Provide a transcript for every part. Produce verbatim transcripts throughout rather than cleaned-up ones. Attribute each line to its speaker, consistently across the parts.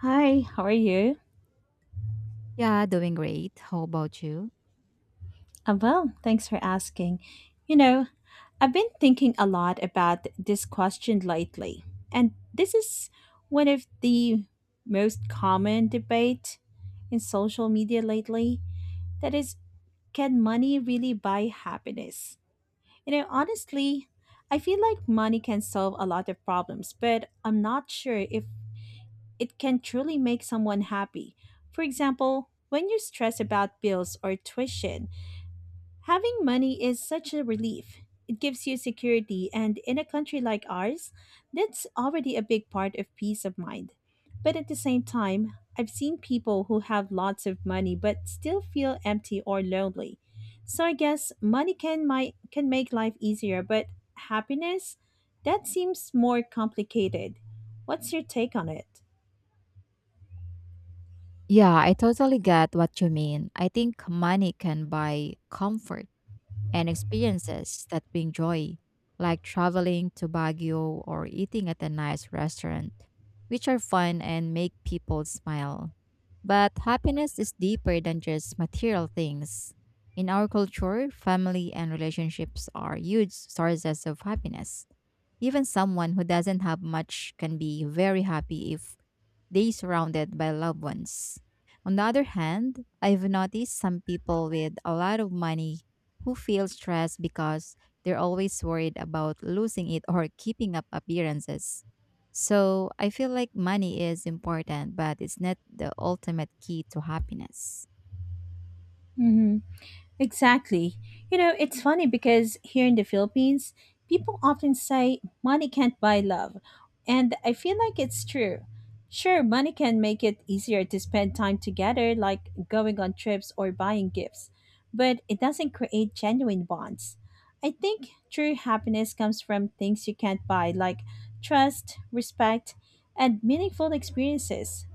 Speaker 1: Hi, how are you?
Speaker 2: Yeah, doing great. How about you?
Speaker 1: I'm well, thanks for asking. You know, I've been thinking a lot about this question lately, and this is one of the most common debate in social media lately. That is, can money really buy happiness? You know, honestly, I feel like money can solve a lot of problems, but I'm not sure if it can truly make someone happy. For example, when you stress about bills or tuition, having money is such a relief. It gives you security, and in a country like ours, that's already a big part of peace of mind. But at the same time, I've seen people who have lots of money but still feel empty or lonely. So I guess money can my, can make life easier, but happiness, that seems more complicated. What's your take on it?
Speaker 2: Yeah, I totally get what you mean. I think money can buy comfort and experiences that bring joy, like traveling to Baguio or eating at a nice restaurant, which are fun and make people smile. But happiness is deeper than just material things. In our culture, family and relationships are huge sources of happiness. Even someone who doesn't have much can be very happy if day surrounded by loved ones. On the other hand, I've noticed some people with a lot of money who feel stressed because they're always worried about losing it or keeping up appearances. So I feel like money is important, but it's not the ultimate key to happiness.
Speaker 1: Mhm. Exactly. You know, it's funny because here in the Philippines, people often say money can't buy love. And I feel like it's true. Sure, money can make it easier to spend time together, like going on trips or buying gifts, but it doesn't create genuine bonds. I think true happiness comes from things you can't buy, like trust, respect, and meaningful experiences.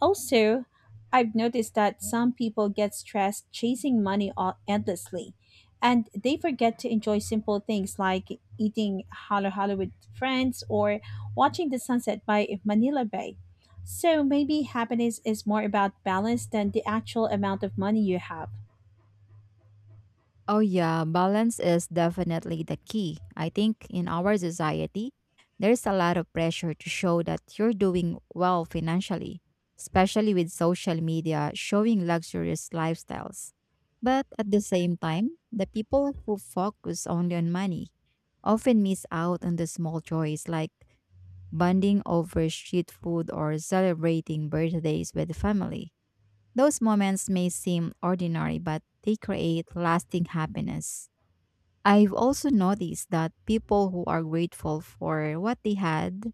Speaker 1: Also, I've noticed that some people get stressed chasing money o- endlessly, and they forget to enjoy simple things like eating halo halo with friends or watching the sunset by Manila Bay. So maybe happiness is more about balance than the actual amount of money you have.
Speaker 2: Oh, yeah, balance is definitely the key. I think in our society, there's a lot of pressure to show that you're doing well financially, especially with social media showing luxurious lifestyles. But at the same time, the people who focus only on money often miss out on the small joys like bonding over street food or celebrating birthdays with family. Those moments may seem ordinary, but they create lasting happiness. I've also noticed that people who are grateful for what they had,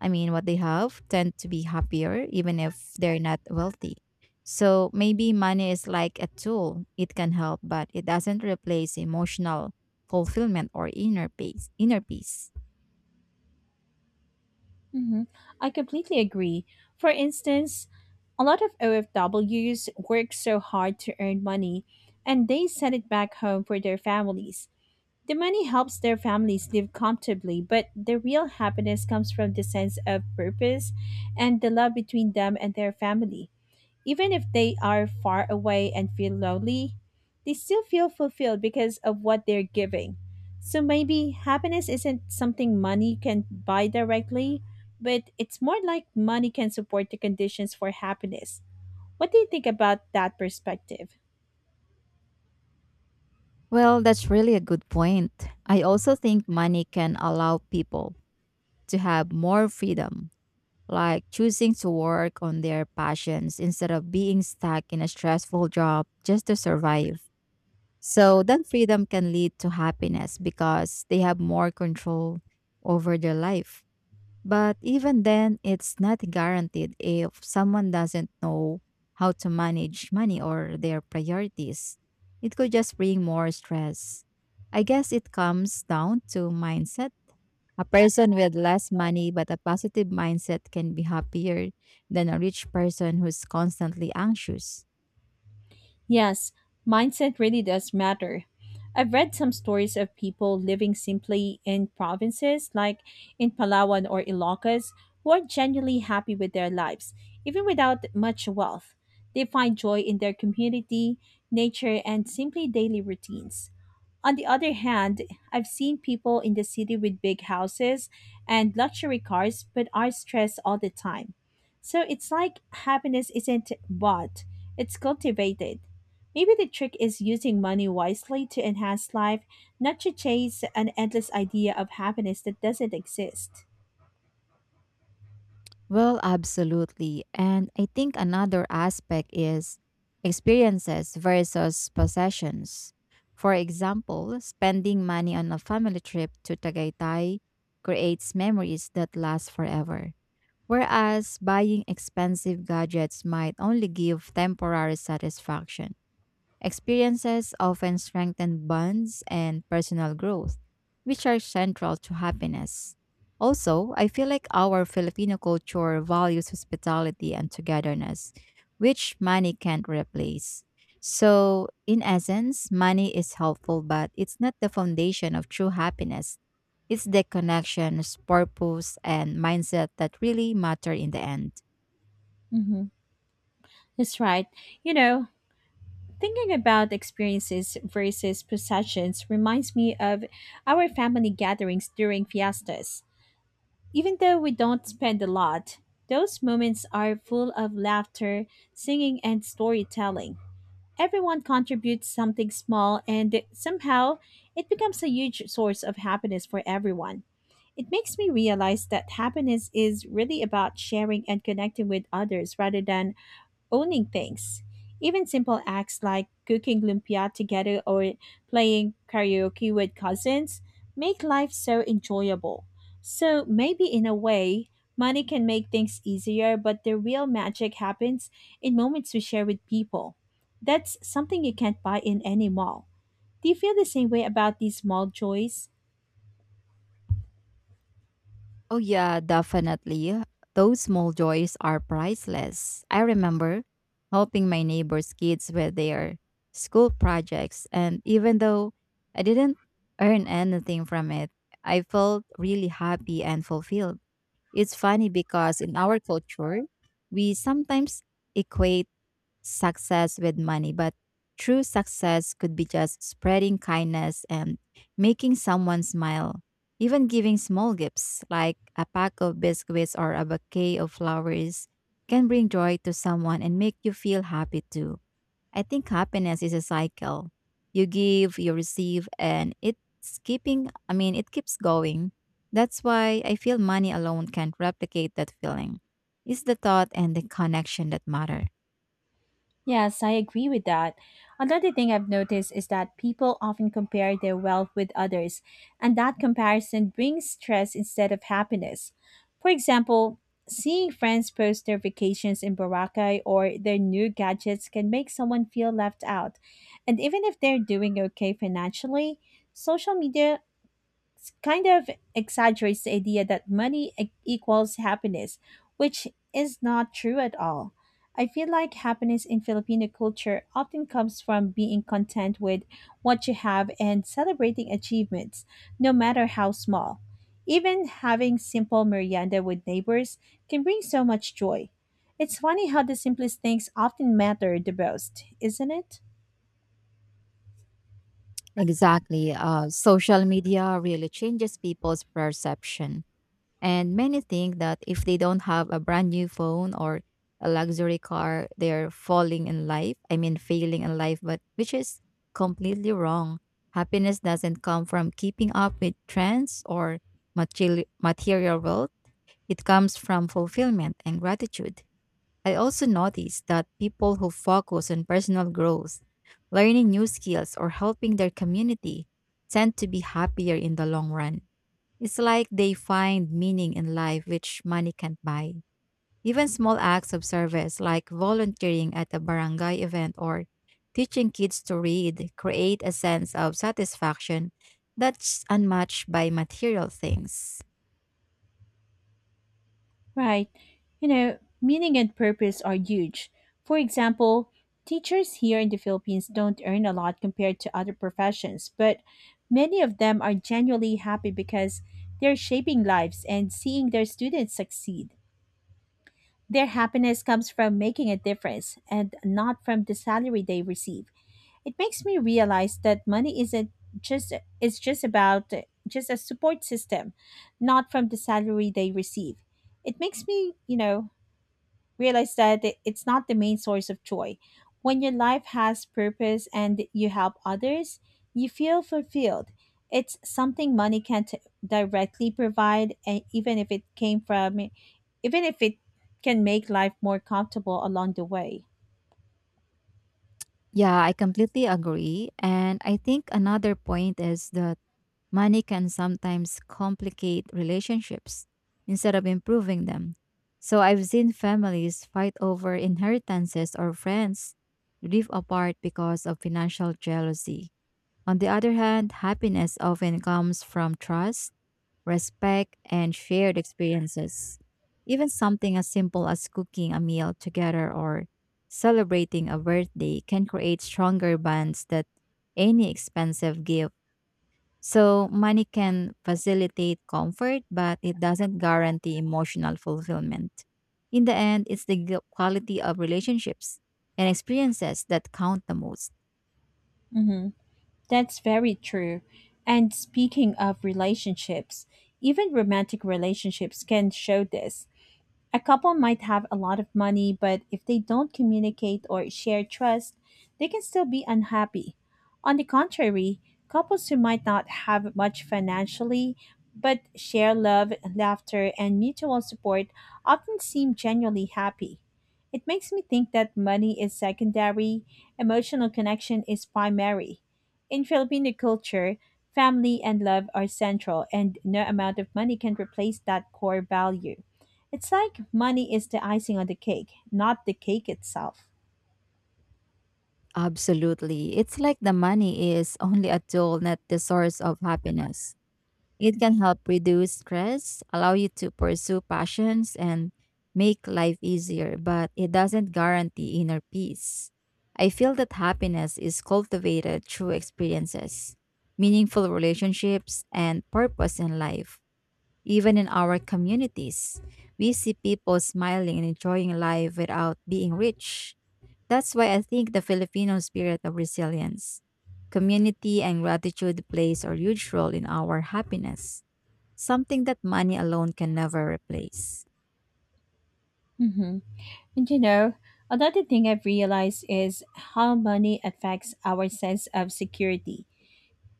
Speaker 2: I mean, what they have, tend to be happier even if they're not wealthy. So maybe money is like a tool, it can help, but it doesn't replace emotional fulfillment or inner peace. Inner peace.
Speaker 1: hmm I completely agree. For instance, a lot of O F Ws work so hard to earn money and they send it back home for their families. The money helps their families live comfortably, but the real happiness comes from the sense of purpose and the love between them and their family. Even if they are far away and feel lonely, they still feel fulfilled because of what they're giving. So maybe happiness isn't something money can buy directly, but it's more like money can support the conditions for happiness. What do you think about that perspective?
Speaker 2: Well, that's really a good point. I also think money can allow people to have more freedom like choosing to work on their passions instead of being stuck in a stressful job just to survive. So that freedom can lead to happiness because they have more control over their life. But even then, it's not guaranteed if someone doesn't know how to manage money or their priorities. It could just bring more stress. I guess it comes down to mindset a person with less money but a positive mindset can be happier than a rich person who's constantly anxious.
Speaker 1: Yes, mindset really does matter. I've read some stories of people living simply in provinces like in Palawan or Ilocos, who are genuinely happy with their lives, even without much wealth. They find joy in their community, nature, and simply daily routines. On the other hand, I've seen people in the city with big houses and luxury cars but are stressed all the time. So it's like happiness isn't bought, it's cultivated. Maybe the trick is using money wisely to enhance life, not to chase an endless idea of happiness that doesn't exist.
Speaker 2: Well, absolutely. And I think another aspect is experiences versus possessions. For example, spending money on a family trip to Tagaytay creates memories that last forever, whereas buying expensive gadgets might only give temporary satisfaction. Experiences often strengthen bonds and personal growth, which are central to happiness. Also, I feel like our Filipino culture values hospitality and togetherness, which money can't replace. So, in essence, money is helpful, but it's not the foundation of true happiness. It's the connections, purpose, and mindset that really matter in the end.
Speaker 1: hmm That's right. You know, thinking about experiences versus possessions reminds me of our family gatherings during fiestas. Even though we don't spend a lot, those moments are full of laughter, singing, and storytelling. Everyone contributes something small, and somehow it becomes a huge source of happiness for everyone. It makes me realize that happiness is really about sharing and connecting with others rather than owning things. Even simple acts like cooking lumpia together or playing karaoke with cousins make life so enjoyable. So maybe in a way, money can make things easier, but the real magic happens in moments we share with people. That's something you can't buy in any mall. Do you feel the same way about these mall joys?
Speaker 2: Oh, yeah, definitely. Those small joys are priceless. I remember helping my neighbor's kids with their school projects, and even though I didn't earn anything from it, I felt really happy and fulfilled. It's funny because in our culture, we sometimes equate success with money, but true success could be just spreading kindness and making someone smile. Even giving small gifts like a pack of biscuits or a bouquet of flowers can bring joy to someone and make you feel happy too. I think happiness is a cycle. You give, you receive, and it's keeping, I mean, it keeps going. That's why I feel money alone can't replicate that feeling. It's the thought and the connection that matter.
Speaker 1: Yes, I agree with that. Another thing I've noticed is that people often compare their wealth with others, and that comparison brings stress instead of happiness. For example, seeing friends post their vacations in Boracay or their new gadgets can make someone feel left out. And even if they're doing okay financially, social media kind of exaggerates the idea that money e- equals happiness, which is not true at all. I feel like happiness in Filipino culture often comes from being content with what you have and celebrating achievements, no matter how small. Even having simple merienda with neighbors can bring so much joy. It's funny how the simplest things often matter the most, isn't it?
Speaker 2: Exactly. Uh, social media really changes people's perception. And many think that if they don't have a brand new phone or a luxury car, they're falling in life. I mean, failing in life, but which is completely wrong. Happiness doesn't come from keeping up with trends or material, material wealth, it comes from fulfillment and gratitude. I also noticed that people who focus on personal growth, learning new skills, or helping their community tend to be happier in the long run. It's like they find meaning in life which money can't buy. Even small acts of service like volunteering at a barangay event or teaching kids to read create a sense of satisfaction that's unmatched by material things.
Speaker 1: Right. You know, meaning and purpose are huge. For example, teachers here in the Philippines don't earn a lot compared to other professions, but many of them are genuinely happy because they're shaping lives and seeing their students succeed. Their happiness comes from making a difference and not from the salary they receive. It makes me realize that money isn't just it's just about just a support system, not from the salary they receive. It makes me, you know, realize that it- it's not the main source of joy. When your life has purpose and you help others, you feel fulfilled. It's something money can't directly provide, and even if it came from, even if it can make life more comfortable along the way.
Speaker 2: Yeah, I completely agree. And I think another point is the money can sometimes complicate relationships instead of improving them. So I've seen families fight over inheritances or friends live apart because of financial jealousy. On the other hand, happiness often comes from trust, respect, and shared experiences. Even something as simple as cooking a meal together or celebrating a birthday can create stronger bonds than any expensive gift, so money can facilitate comfort, but it doesn't guarantee emotional fulfillment. In the end, it's the g- quality of relationships and experiences that count the most.
Speaker 1: hmm That's very true. And speaking of relationships, even romantic relationships can show this. A couple might have a lot of money, but if they don't communicate or share trust, they can still be unhappy. On the contrary, couples who might not have much financially but share love, laughter, and mutual support often seem genuinely happy. It makes me think that money is secondary, emotional connection is primary. In Filipino culture, family and love are central, and no amount of money can replace that core value. It's like money is the icing on the cake, not the cake itself.
Speaker 2: Absolutely. It's like the money is only a tool, not the source of happiness. It can help reduce stress, allow you to pursue passions, and make life easier, but it doesn't guarantee inner peace. I feel that happiness is cultivated through experiences, meaningful relationships, and purpose in life. Even in our communities, we see people smiling and enjoying life without being rich. That's why I think the Filipino spirit of resilience, community, and gratitude plays a huge role in our happiness. Something that money alone can never replace.
Speaker 1: hmm And you know, another thing I've realized is how money affects our sense of security.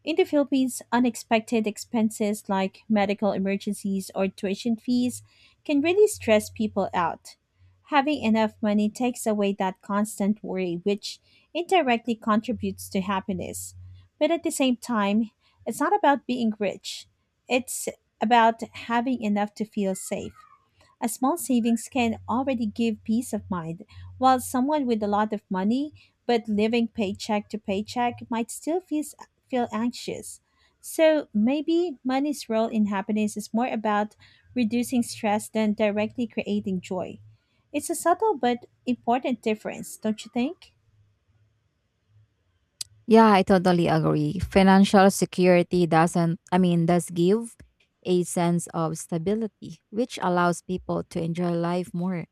Speaker 1: In the Philippines, unexpected expenses like medical emergencies or tuition fees can really stress people out. Having enough money takes away that constant worry, which indirectly contributes to happiness. But at the same time, it's not about being rich, it's about having enough to feel safe. A small savings can already give peace of mind, while someone with a lot of money but living paycheck to paycheck might still feel, feel anxious. So maybe money's role in happiness is more about reducing stress than directly creating joy. It's a subtle but important difference, don't you think?
Speaker 2: Yeah, I totally agree. Financial security doesn't, I mean, does give a sense of stability, which allows people to enjoy life more.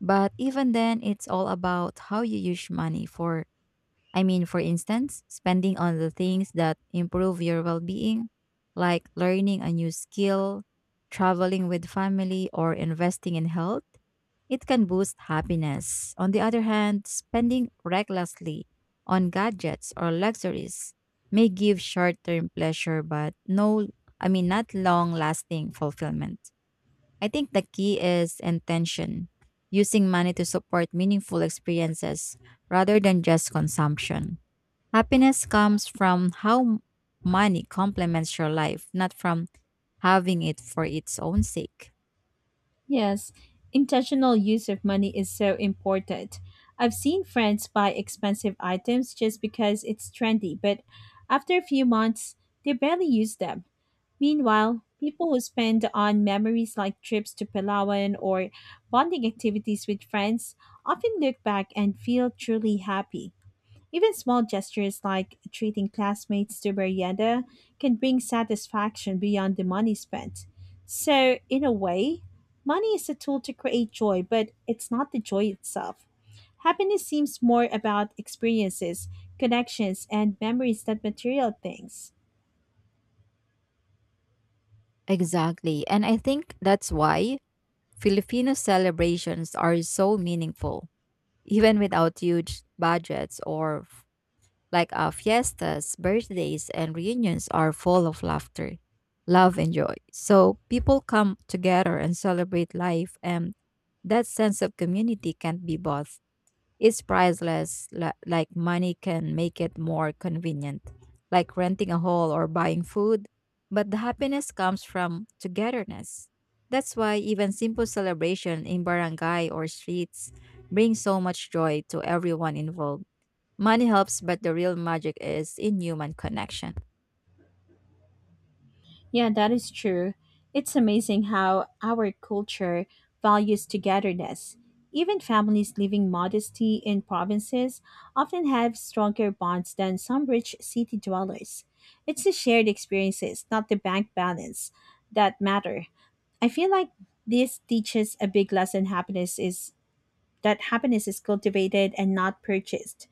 Speaker 2: But even then, it's all about how you use money for, I mean, for instance, spending on the things that improve your well being, like learning a new skill, traveling with family, or investing in health. It can boost happiness. On the other hand, spending recklessly on gadgets or luxuries may give short-term pleasure but no I mean not long-lasting fulfillment. I think the key is intention, using money to support meaningful experiences rather than just consumption. Happiness comes from how m- money complements your life, not from having it for its own sake.
Speaker 1: Yes, intentional use of money is so important. I've seen friends buy expensive items just because it's trendy, but after a few months, they barely use them. Meanwhile, people who spend on memories like trips to Palawan or bonding activities with friends often look back and feel truly happy. Even small gestures like treating classmates to merienda can bring satisfaction beyond the money spent. So, in a way, money is a tool to create joy, but it's not the joy itself. Happiness seems more about experiences, connections, and memories than material things.
Speaker 2: Exactly. And I think that's why Filipino celebrations are so meaningful, even without huge budgets or f- like uh, fiestas, birthdays, and reunions are full of laughter, love, and joy. So people come together and celebrate life, and that sense of community can't be bought. It's priceless, li- like money can make it more convenient, like renting a hall or buying food. But the happiness comes from togetherness. That's why even simple celebration in barangay or streets brings so much joy to everyone involved. Money helps, but the real magic is in human connection.
Speaker 1: Yeah, that is true. It's amazing how our culture values togetherness. Even families living modestly in provinces often have stronger bonds than some rich city dwellers. It's the shared experiences, not the bank balance, that matter. I feel like this teaches a big lesson happiness is that happiness is cultivated and not purchased.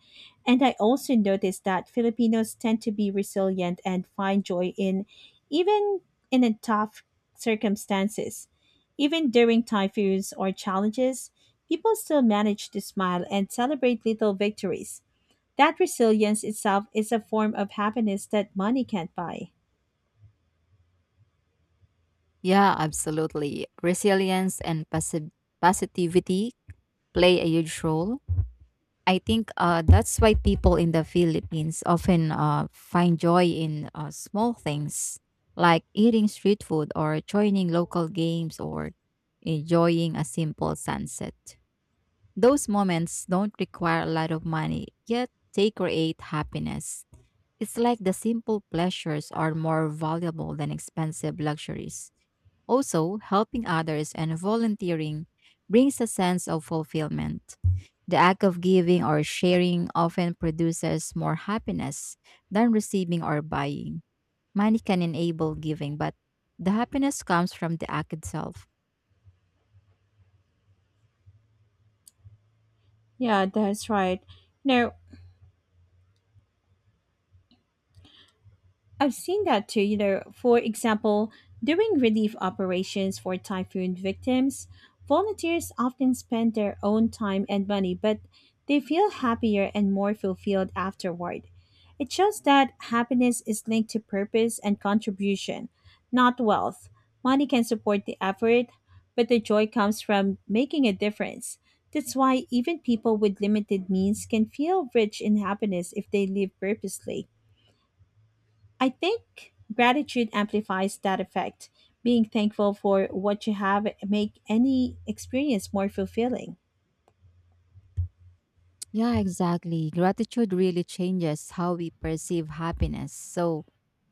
Speaker 1: And I also noticed that Filipinos tend to be resilient and find joy in even in a tough circumstances. Even during typhoons or challenges, people still manage to smile and celebrate little victories. That resilience itself is a form of happiness that money can't buy.
Speaker 2: Yeah, absolutely. Resilience and passive positivity play a huge role. I think uh, that's why people in the Philippines often uh, find joy in uh, small things like eating street food or joining local games or enjoying a simple sunset. Those moments don't require a lot of money, yet they create happiness. It's like the simple pleasures are more valuable than expensive luxuries. Also, helping others and volunteering brings a sense of fulfillment. The act of giving or sharing often produces more happiness than receiving or buying. Money can enable giving, but the happiness comes from the act itself.
Speaker 1: Yeah, that's right. No, I've seen that too, you know, for example, during relief operations for typhoon victims, volunteers often spend their own time and money, but they feel happier and more fulfilled afterward. It shows that happiness is linked to purpose and contribution, not wealth. Money can support the effort, but the joy comes from making a difference. That's why even people with limited means can feel rich in happiness if they live purposely. I think gratitude amplifies that effect. Being thankful for what you have make any experience more fulfilling.
Speaker 2: Yeah, exactly. Gratitude really changes how we perceive happiness. So,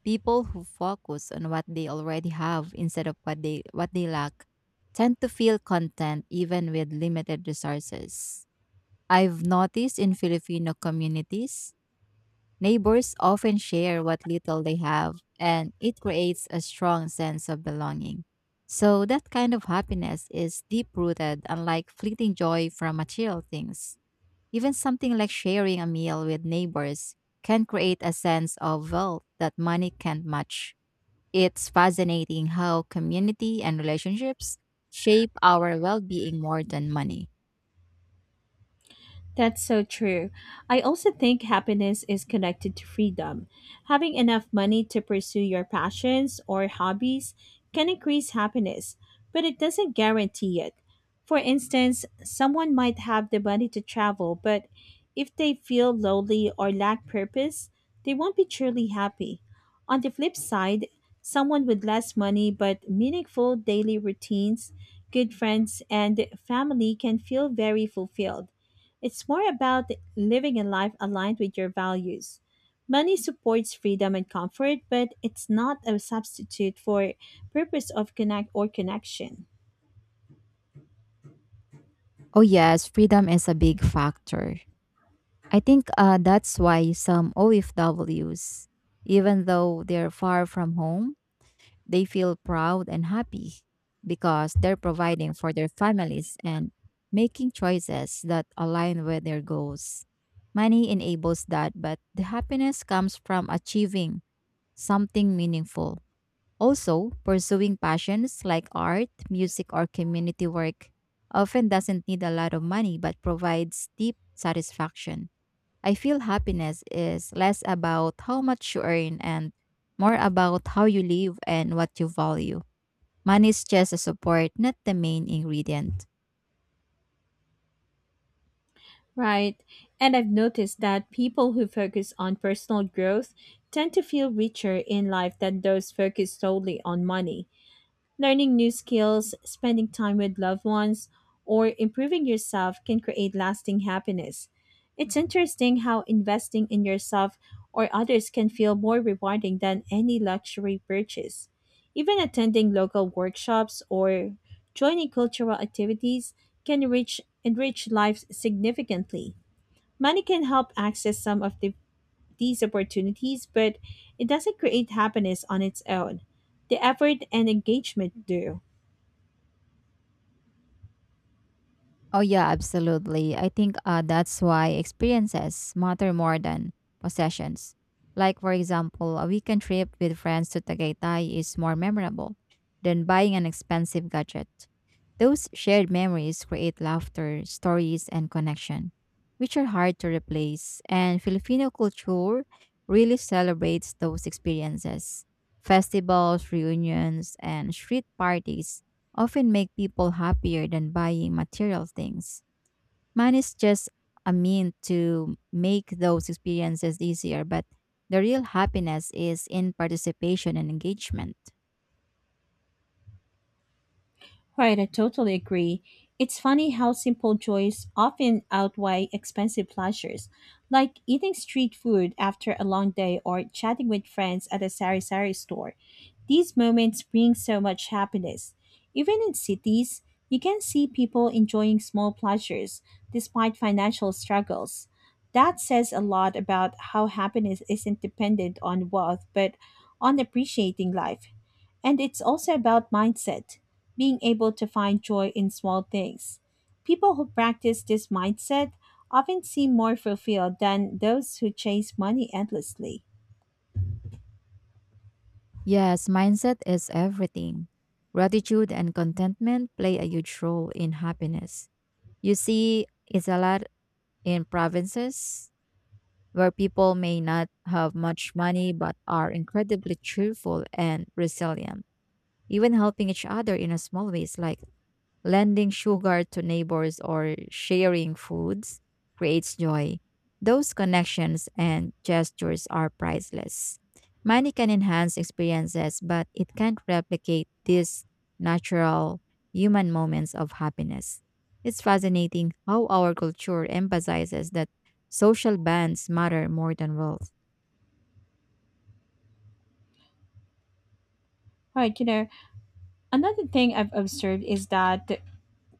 Speaker 2: people who focus on what they already have instead of what they what they lack tend to feel content even with limited resources. I've noticed in Filipino communities, neighbors often share what little they have, and it creates a strong sense of belonging. So, that kind of happiness is deep rooted, unlike fleeting joy from material things. Even something like sharing a meal with neighbors can create a sense of wealth that money can't match. It's fascinating how community and relationships shape our well being more than money.
Speaker 1: That's so true. I also think happiness is connected to freedom. Having enough money to pursue your passions or hobbies can increase happiness, but it doesn't guarantee it. For instance, someone might have the money to travel, but if they feel lonely or lack purpose, they won't be truly happy. On the flip side, someone with less money but meaningful daily routines, good friends, and family can feel very fulfilled. It's more about living a life aligned with your values. Money supports freedom and comfort, but it's not a substitute for purpose of connect or connection.
Speaker 2: Oh, yes, freedom is a big factor. I think uh, that's why some O F Ws, even though they're far from home, they feel proud and happy because they're providing for their families and making choices that align with their goals. Money enables that, but the happiness comes from achieving something meaningful. Also, pursuing passions like art, music, or community work often doesn't need a lot of money but provides deep satisfaction. I feel happiness is less about how much you earn and more about how you live and what you value. Money is just a support, not the main ingredient.
Speaker 1: Right. And I've noticed that people who focus on personal growth tend to feel richer in life than those focused solely on money. Learning new skills, spending time with loved ones, or improving yourself can create lasting happiness. It's interesting how investing in yourself or others can feel more rewarding than any luxury purchase. Even attending local workshops or joining cultural activities can reach, enrich life significantly. Money can help access some of the, these opportunities, but it doesn't create happiness on its own. The effort and engagement do.
Speaker 2: Oh yeah, absolutely. I think uh, that's why experiences matter more than possessions. Like for example, a weekend trip with friends to Tagaytay is more memorable than buying an expensive gadget. Those shared memories create laughter, stories, and connection, which are hard to replace. And Filipino culture really celebrates those experiences. Festivals, reunions, and street parties often make people happier than buying material things. Money is just a mean to make those experiences easier, but the real happiness is in participation and engagement.
Speaker 1: Right, I totally agree. It's funny how simple joys often outweigh expensive pleasures, like eating street food after a long day or chatting with friends at a sari sari store. These moments bring so much happiness. Even in cities, you can see people enjoying small pleasures despite financial struggles. That says a lot about how happiness isn't dependent on wealth but on appreciating life. And it's also about mindset, being able to find joy in small things. People who practice this mindset often seem more fulfilled than those who chase money endlessly.
Speaker 2: Yes, mindset is everything. Gratitude and contentment play a huge role in happiness. You see, it's a lot in provinces where people may not have much money but are incredibly cheerful and resilient, even helping each other in a small ways like lending sugar to neighbors or sharing foods creates joy. Those connections and gestures are priceless. Money can enhance experiences, but it can't replicate these natural human moments of happiness. It's fascinating how our culture emphasizes that social bonds matter more than wealth.
Speaker 1: All right, you know, another thing I've observed is that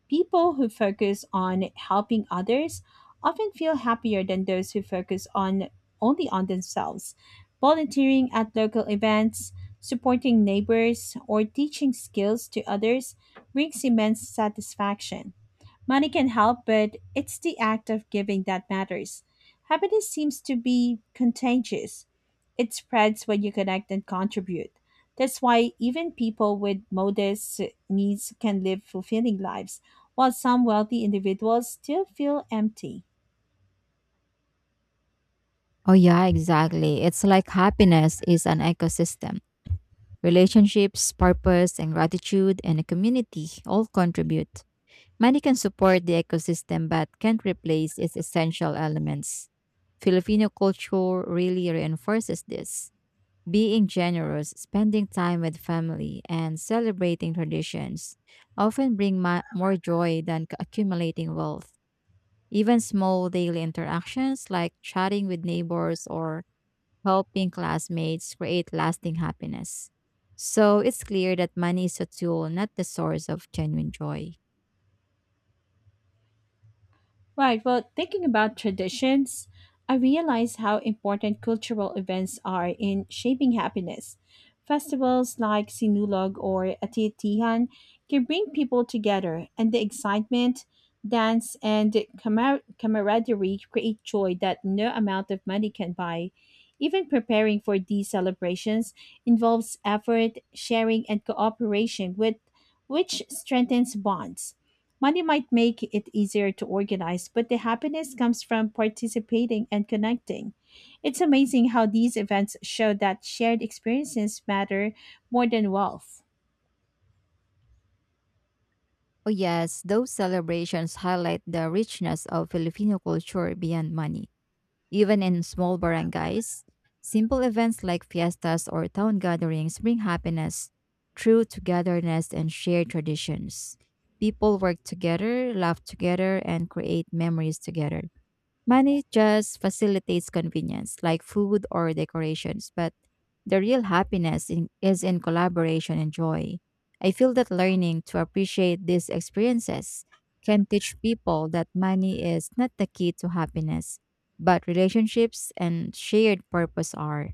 Speaker 1: people who focus on helping others often feel happier than those who focus on only on themselves. Volunteering at local events, supporting neighbors, or teaching skills to others brings immense satisfaction. Money can help, but it's the act of giving that matters. Happiness seems to be contagious. It spreads when you connect and contribute. That's why even people with modest needs can live fulfilling lives, while some wealthy individuals still feel empty.
Speaker 2: Oh, yeah, exactly. It's like happiness is an ecosystem. Relationships, purpose, and gratitude, and a community all contribute. Money can support the ecosystem but can't replace its essential elements. Filipino culture really reinforces this. Being generous, spending time with family, and celebrating traditions often bring ma- more joy than c- accumulating wealth. Even small daily interactions like chatting with neighbors or helping classmates create lasting happiness. So it's clear that money is a tool, not the source of genuine joy.
Speaker 1: Right. Well, thinking about traditions, I realize how important cultural events are in shaping happiness. Festivals like Sinulog or Atiyatihan can bring people together, and the excitement, dance, and camar- camaraderie create joy that no amount of money can buy. Even preparing for these celebrations involves effort, sharing, and cooperation, with, which strengthens bonds. Money might make it easier to organize, but the happiness comes from participating and connecting. It's amazing how these events show that shared experiences matter more than wealth.
Speaker 2: Oh, yes, those celebrations highlight the richness of Filipino culture beyond money. Even in small barangays, simple events like fiestas or town gatherings bring happiness through togetherness and shared traditions. People work together, laugh together, and create memories together. Money just facilitates convenience, like food or decorations, but the real happiness in, is in collaboration and joy. I feel that learning to appreciate these experiences can teach people that money is not the key to happiness, but relationships and shared purpose are.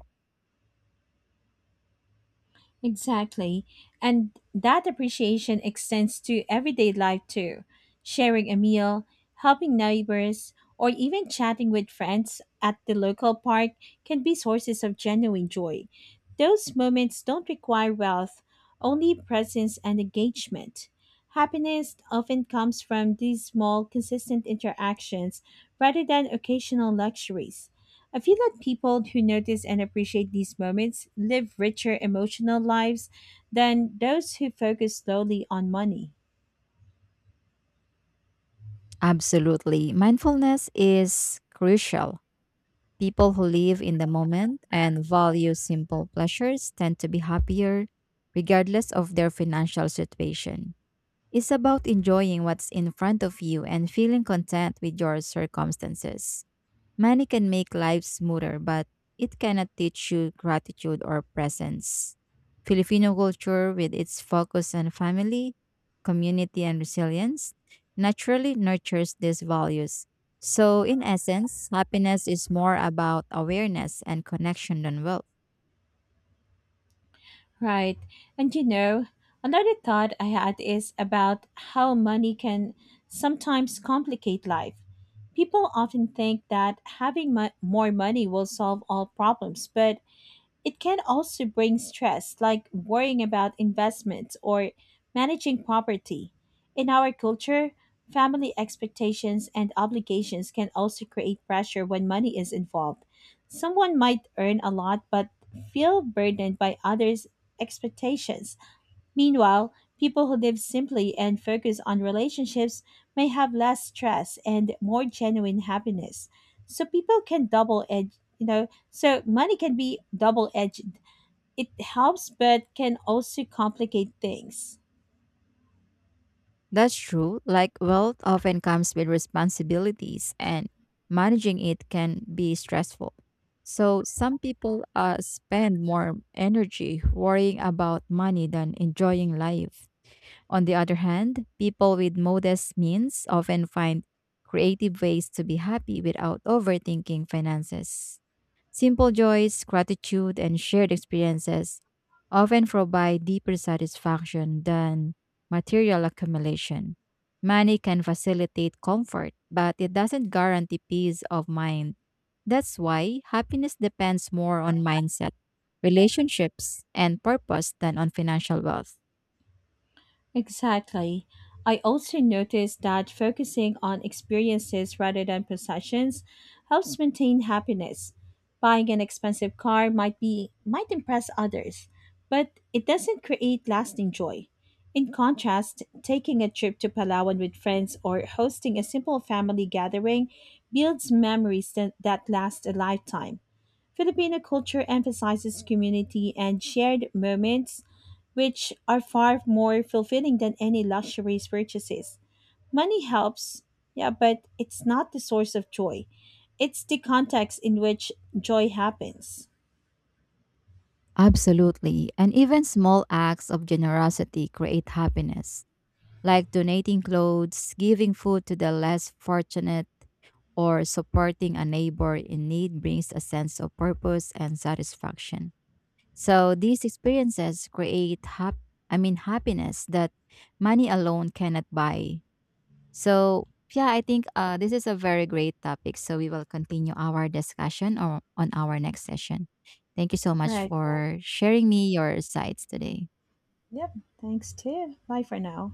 Speaker 1: Exactly. And that appreciation extends to everyday life too. Sharing a meal, helping neighbors, or even chatting with friends at the local park can be sources of genuine joy. Those moments don't require wealth, only presence and engagement. Happiness often comes from these small, consistent interactions rather than occasional luxuries. I feel that people who notice and appreciate these moments live richer emotional lives than those who focus solely on money.
Speaker 2: Absolutely. Mindfulness is crucial. People who live in the moment and value simple pleasures tend to be happier regardless of their financial situation. It's about enjoying what's in front of you and feeling content with your circumstances. Money can make life smoother, but it cannot teach you gratitude or presence. Filipino culture, with its focus on family, community, and resilience, naturally nurtures these values. So, in essence, happiness is more about awareness and connection than wealth.
Speaker 1: Right. And you know, another thought I had is about how money can sometimes complicate life. People often think that having mo- more money will solve all problems, but it can also bring stress, like worrying about investments or managing property. In our culture, family expectations and obligations can also create pressure when money is involved. Someone might earn a lot but feel burdened by others' expectations. Meanwhile, people who live simply and focus on relationships may have less stress and more genuine happiness. So people can double edge, you know, so money can be double edged. It helps but can also complicate things.
Speaker 2: That's true. Like wealth often comes with responsibilities, and managing it can be stressful. So, some people uh, spend more energy worrying about money than enjoying life. On the other hand, people with modest means often find creative ways to be happy without overthinking finances. Simple joys, gratitude, and shared experiences often provide deeper satisfaction than material accumulation. Money can facilitate comfort, but it doesn't guarantee peace of mind. That's why happiness depends more on mindset, relationships, and purpose than on financial wealth.
Speaker 1: Exactly. I also noticed that focusing on experiences rather than possessions helps maintain happiness. Buying an expensive car might be might impress others, but it doesn't create lasting joy. In contrast, taking a trip to Palawan with friends or hosting a simple family gathering builds memories that, that last a lifetime. Filipino culture emphasizes community and shared moments, which are far more fulfilling than any luxuries purchases. Money helps, yeah, but it's not the source of joy. It's the context in which joy happens.
Speaker 2: Absolutely. And even small acts of generosity create happiness, like donating clothes, giving food to the less fortunate or supporting a neighbor in need brings a sense of purpose and satisfaction. So these experiences create hap- I mean happiness that money alone cannot buy. So yeah, I think uh, this is a very great topic. So we will continue our discussion or on our next session. Thank you so much
Speaker 1: Right.
Speaker 2: for sharing me your insights today.
Speaker 1: Yep. Thanks too. Bye for now.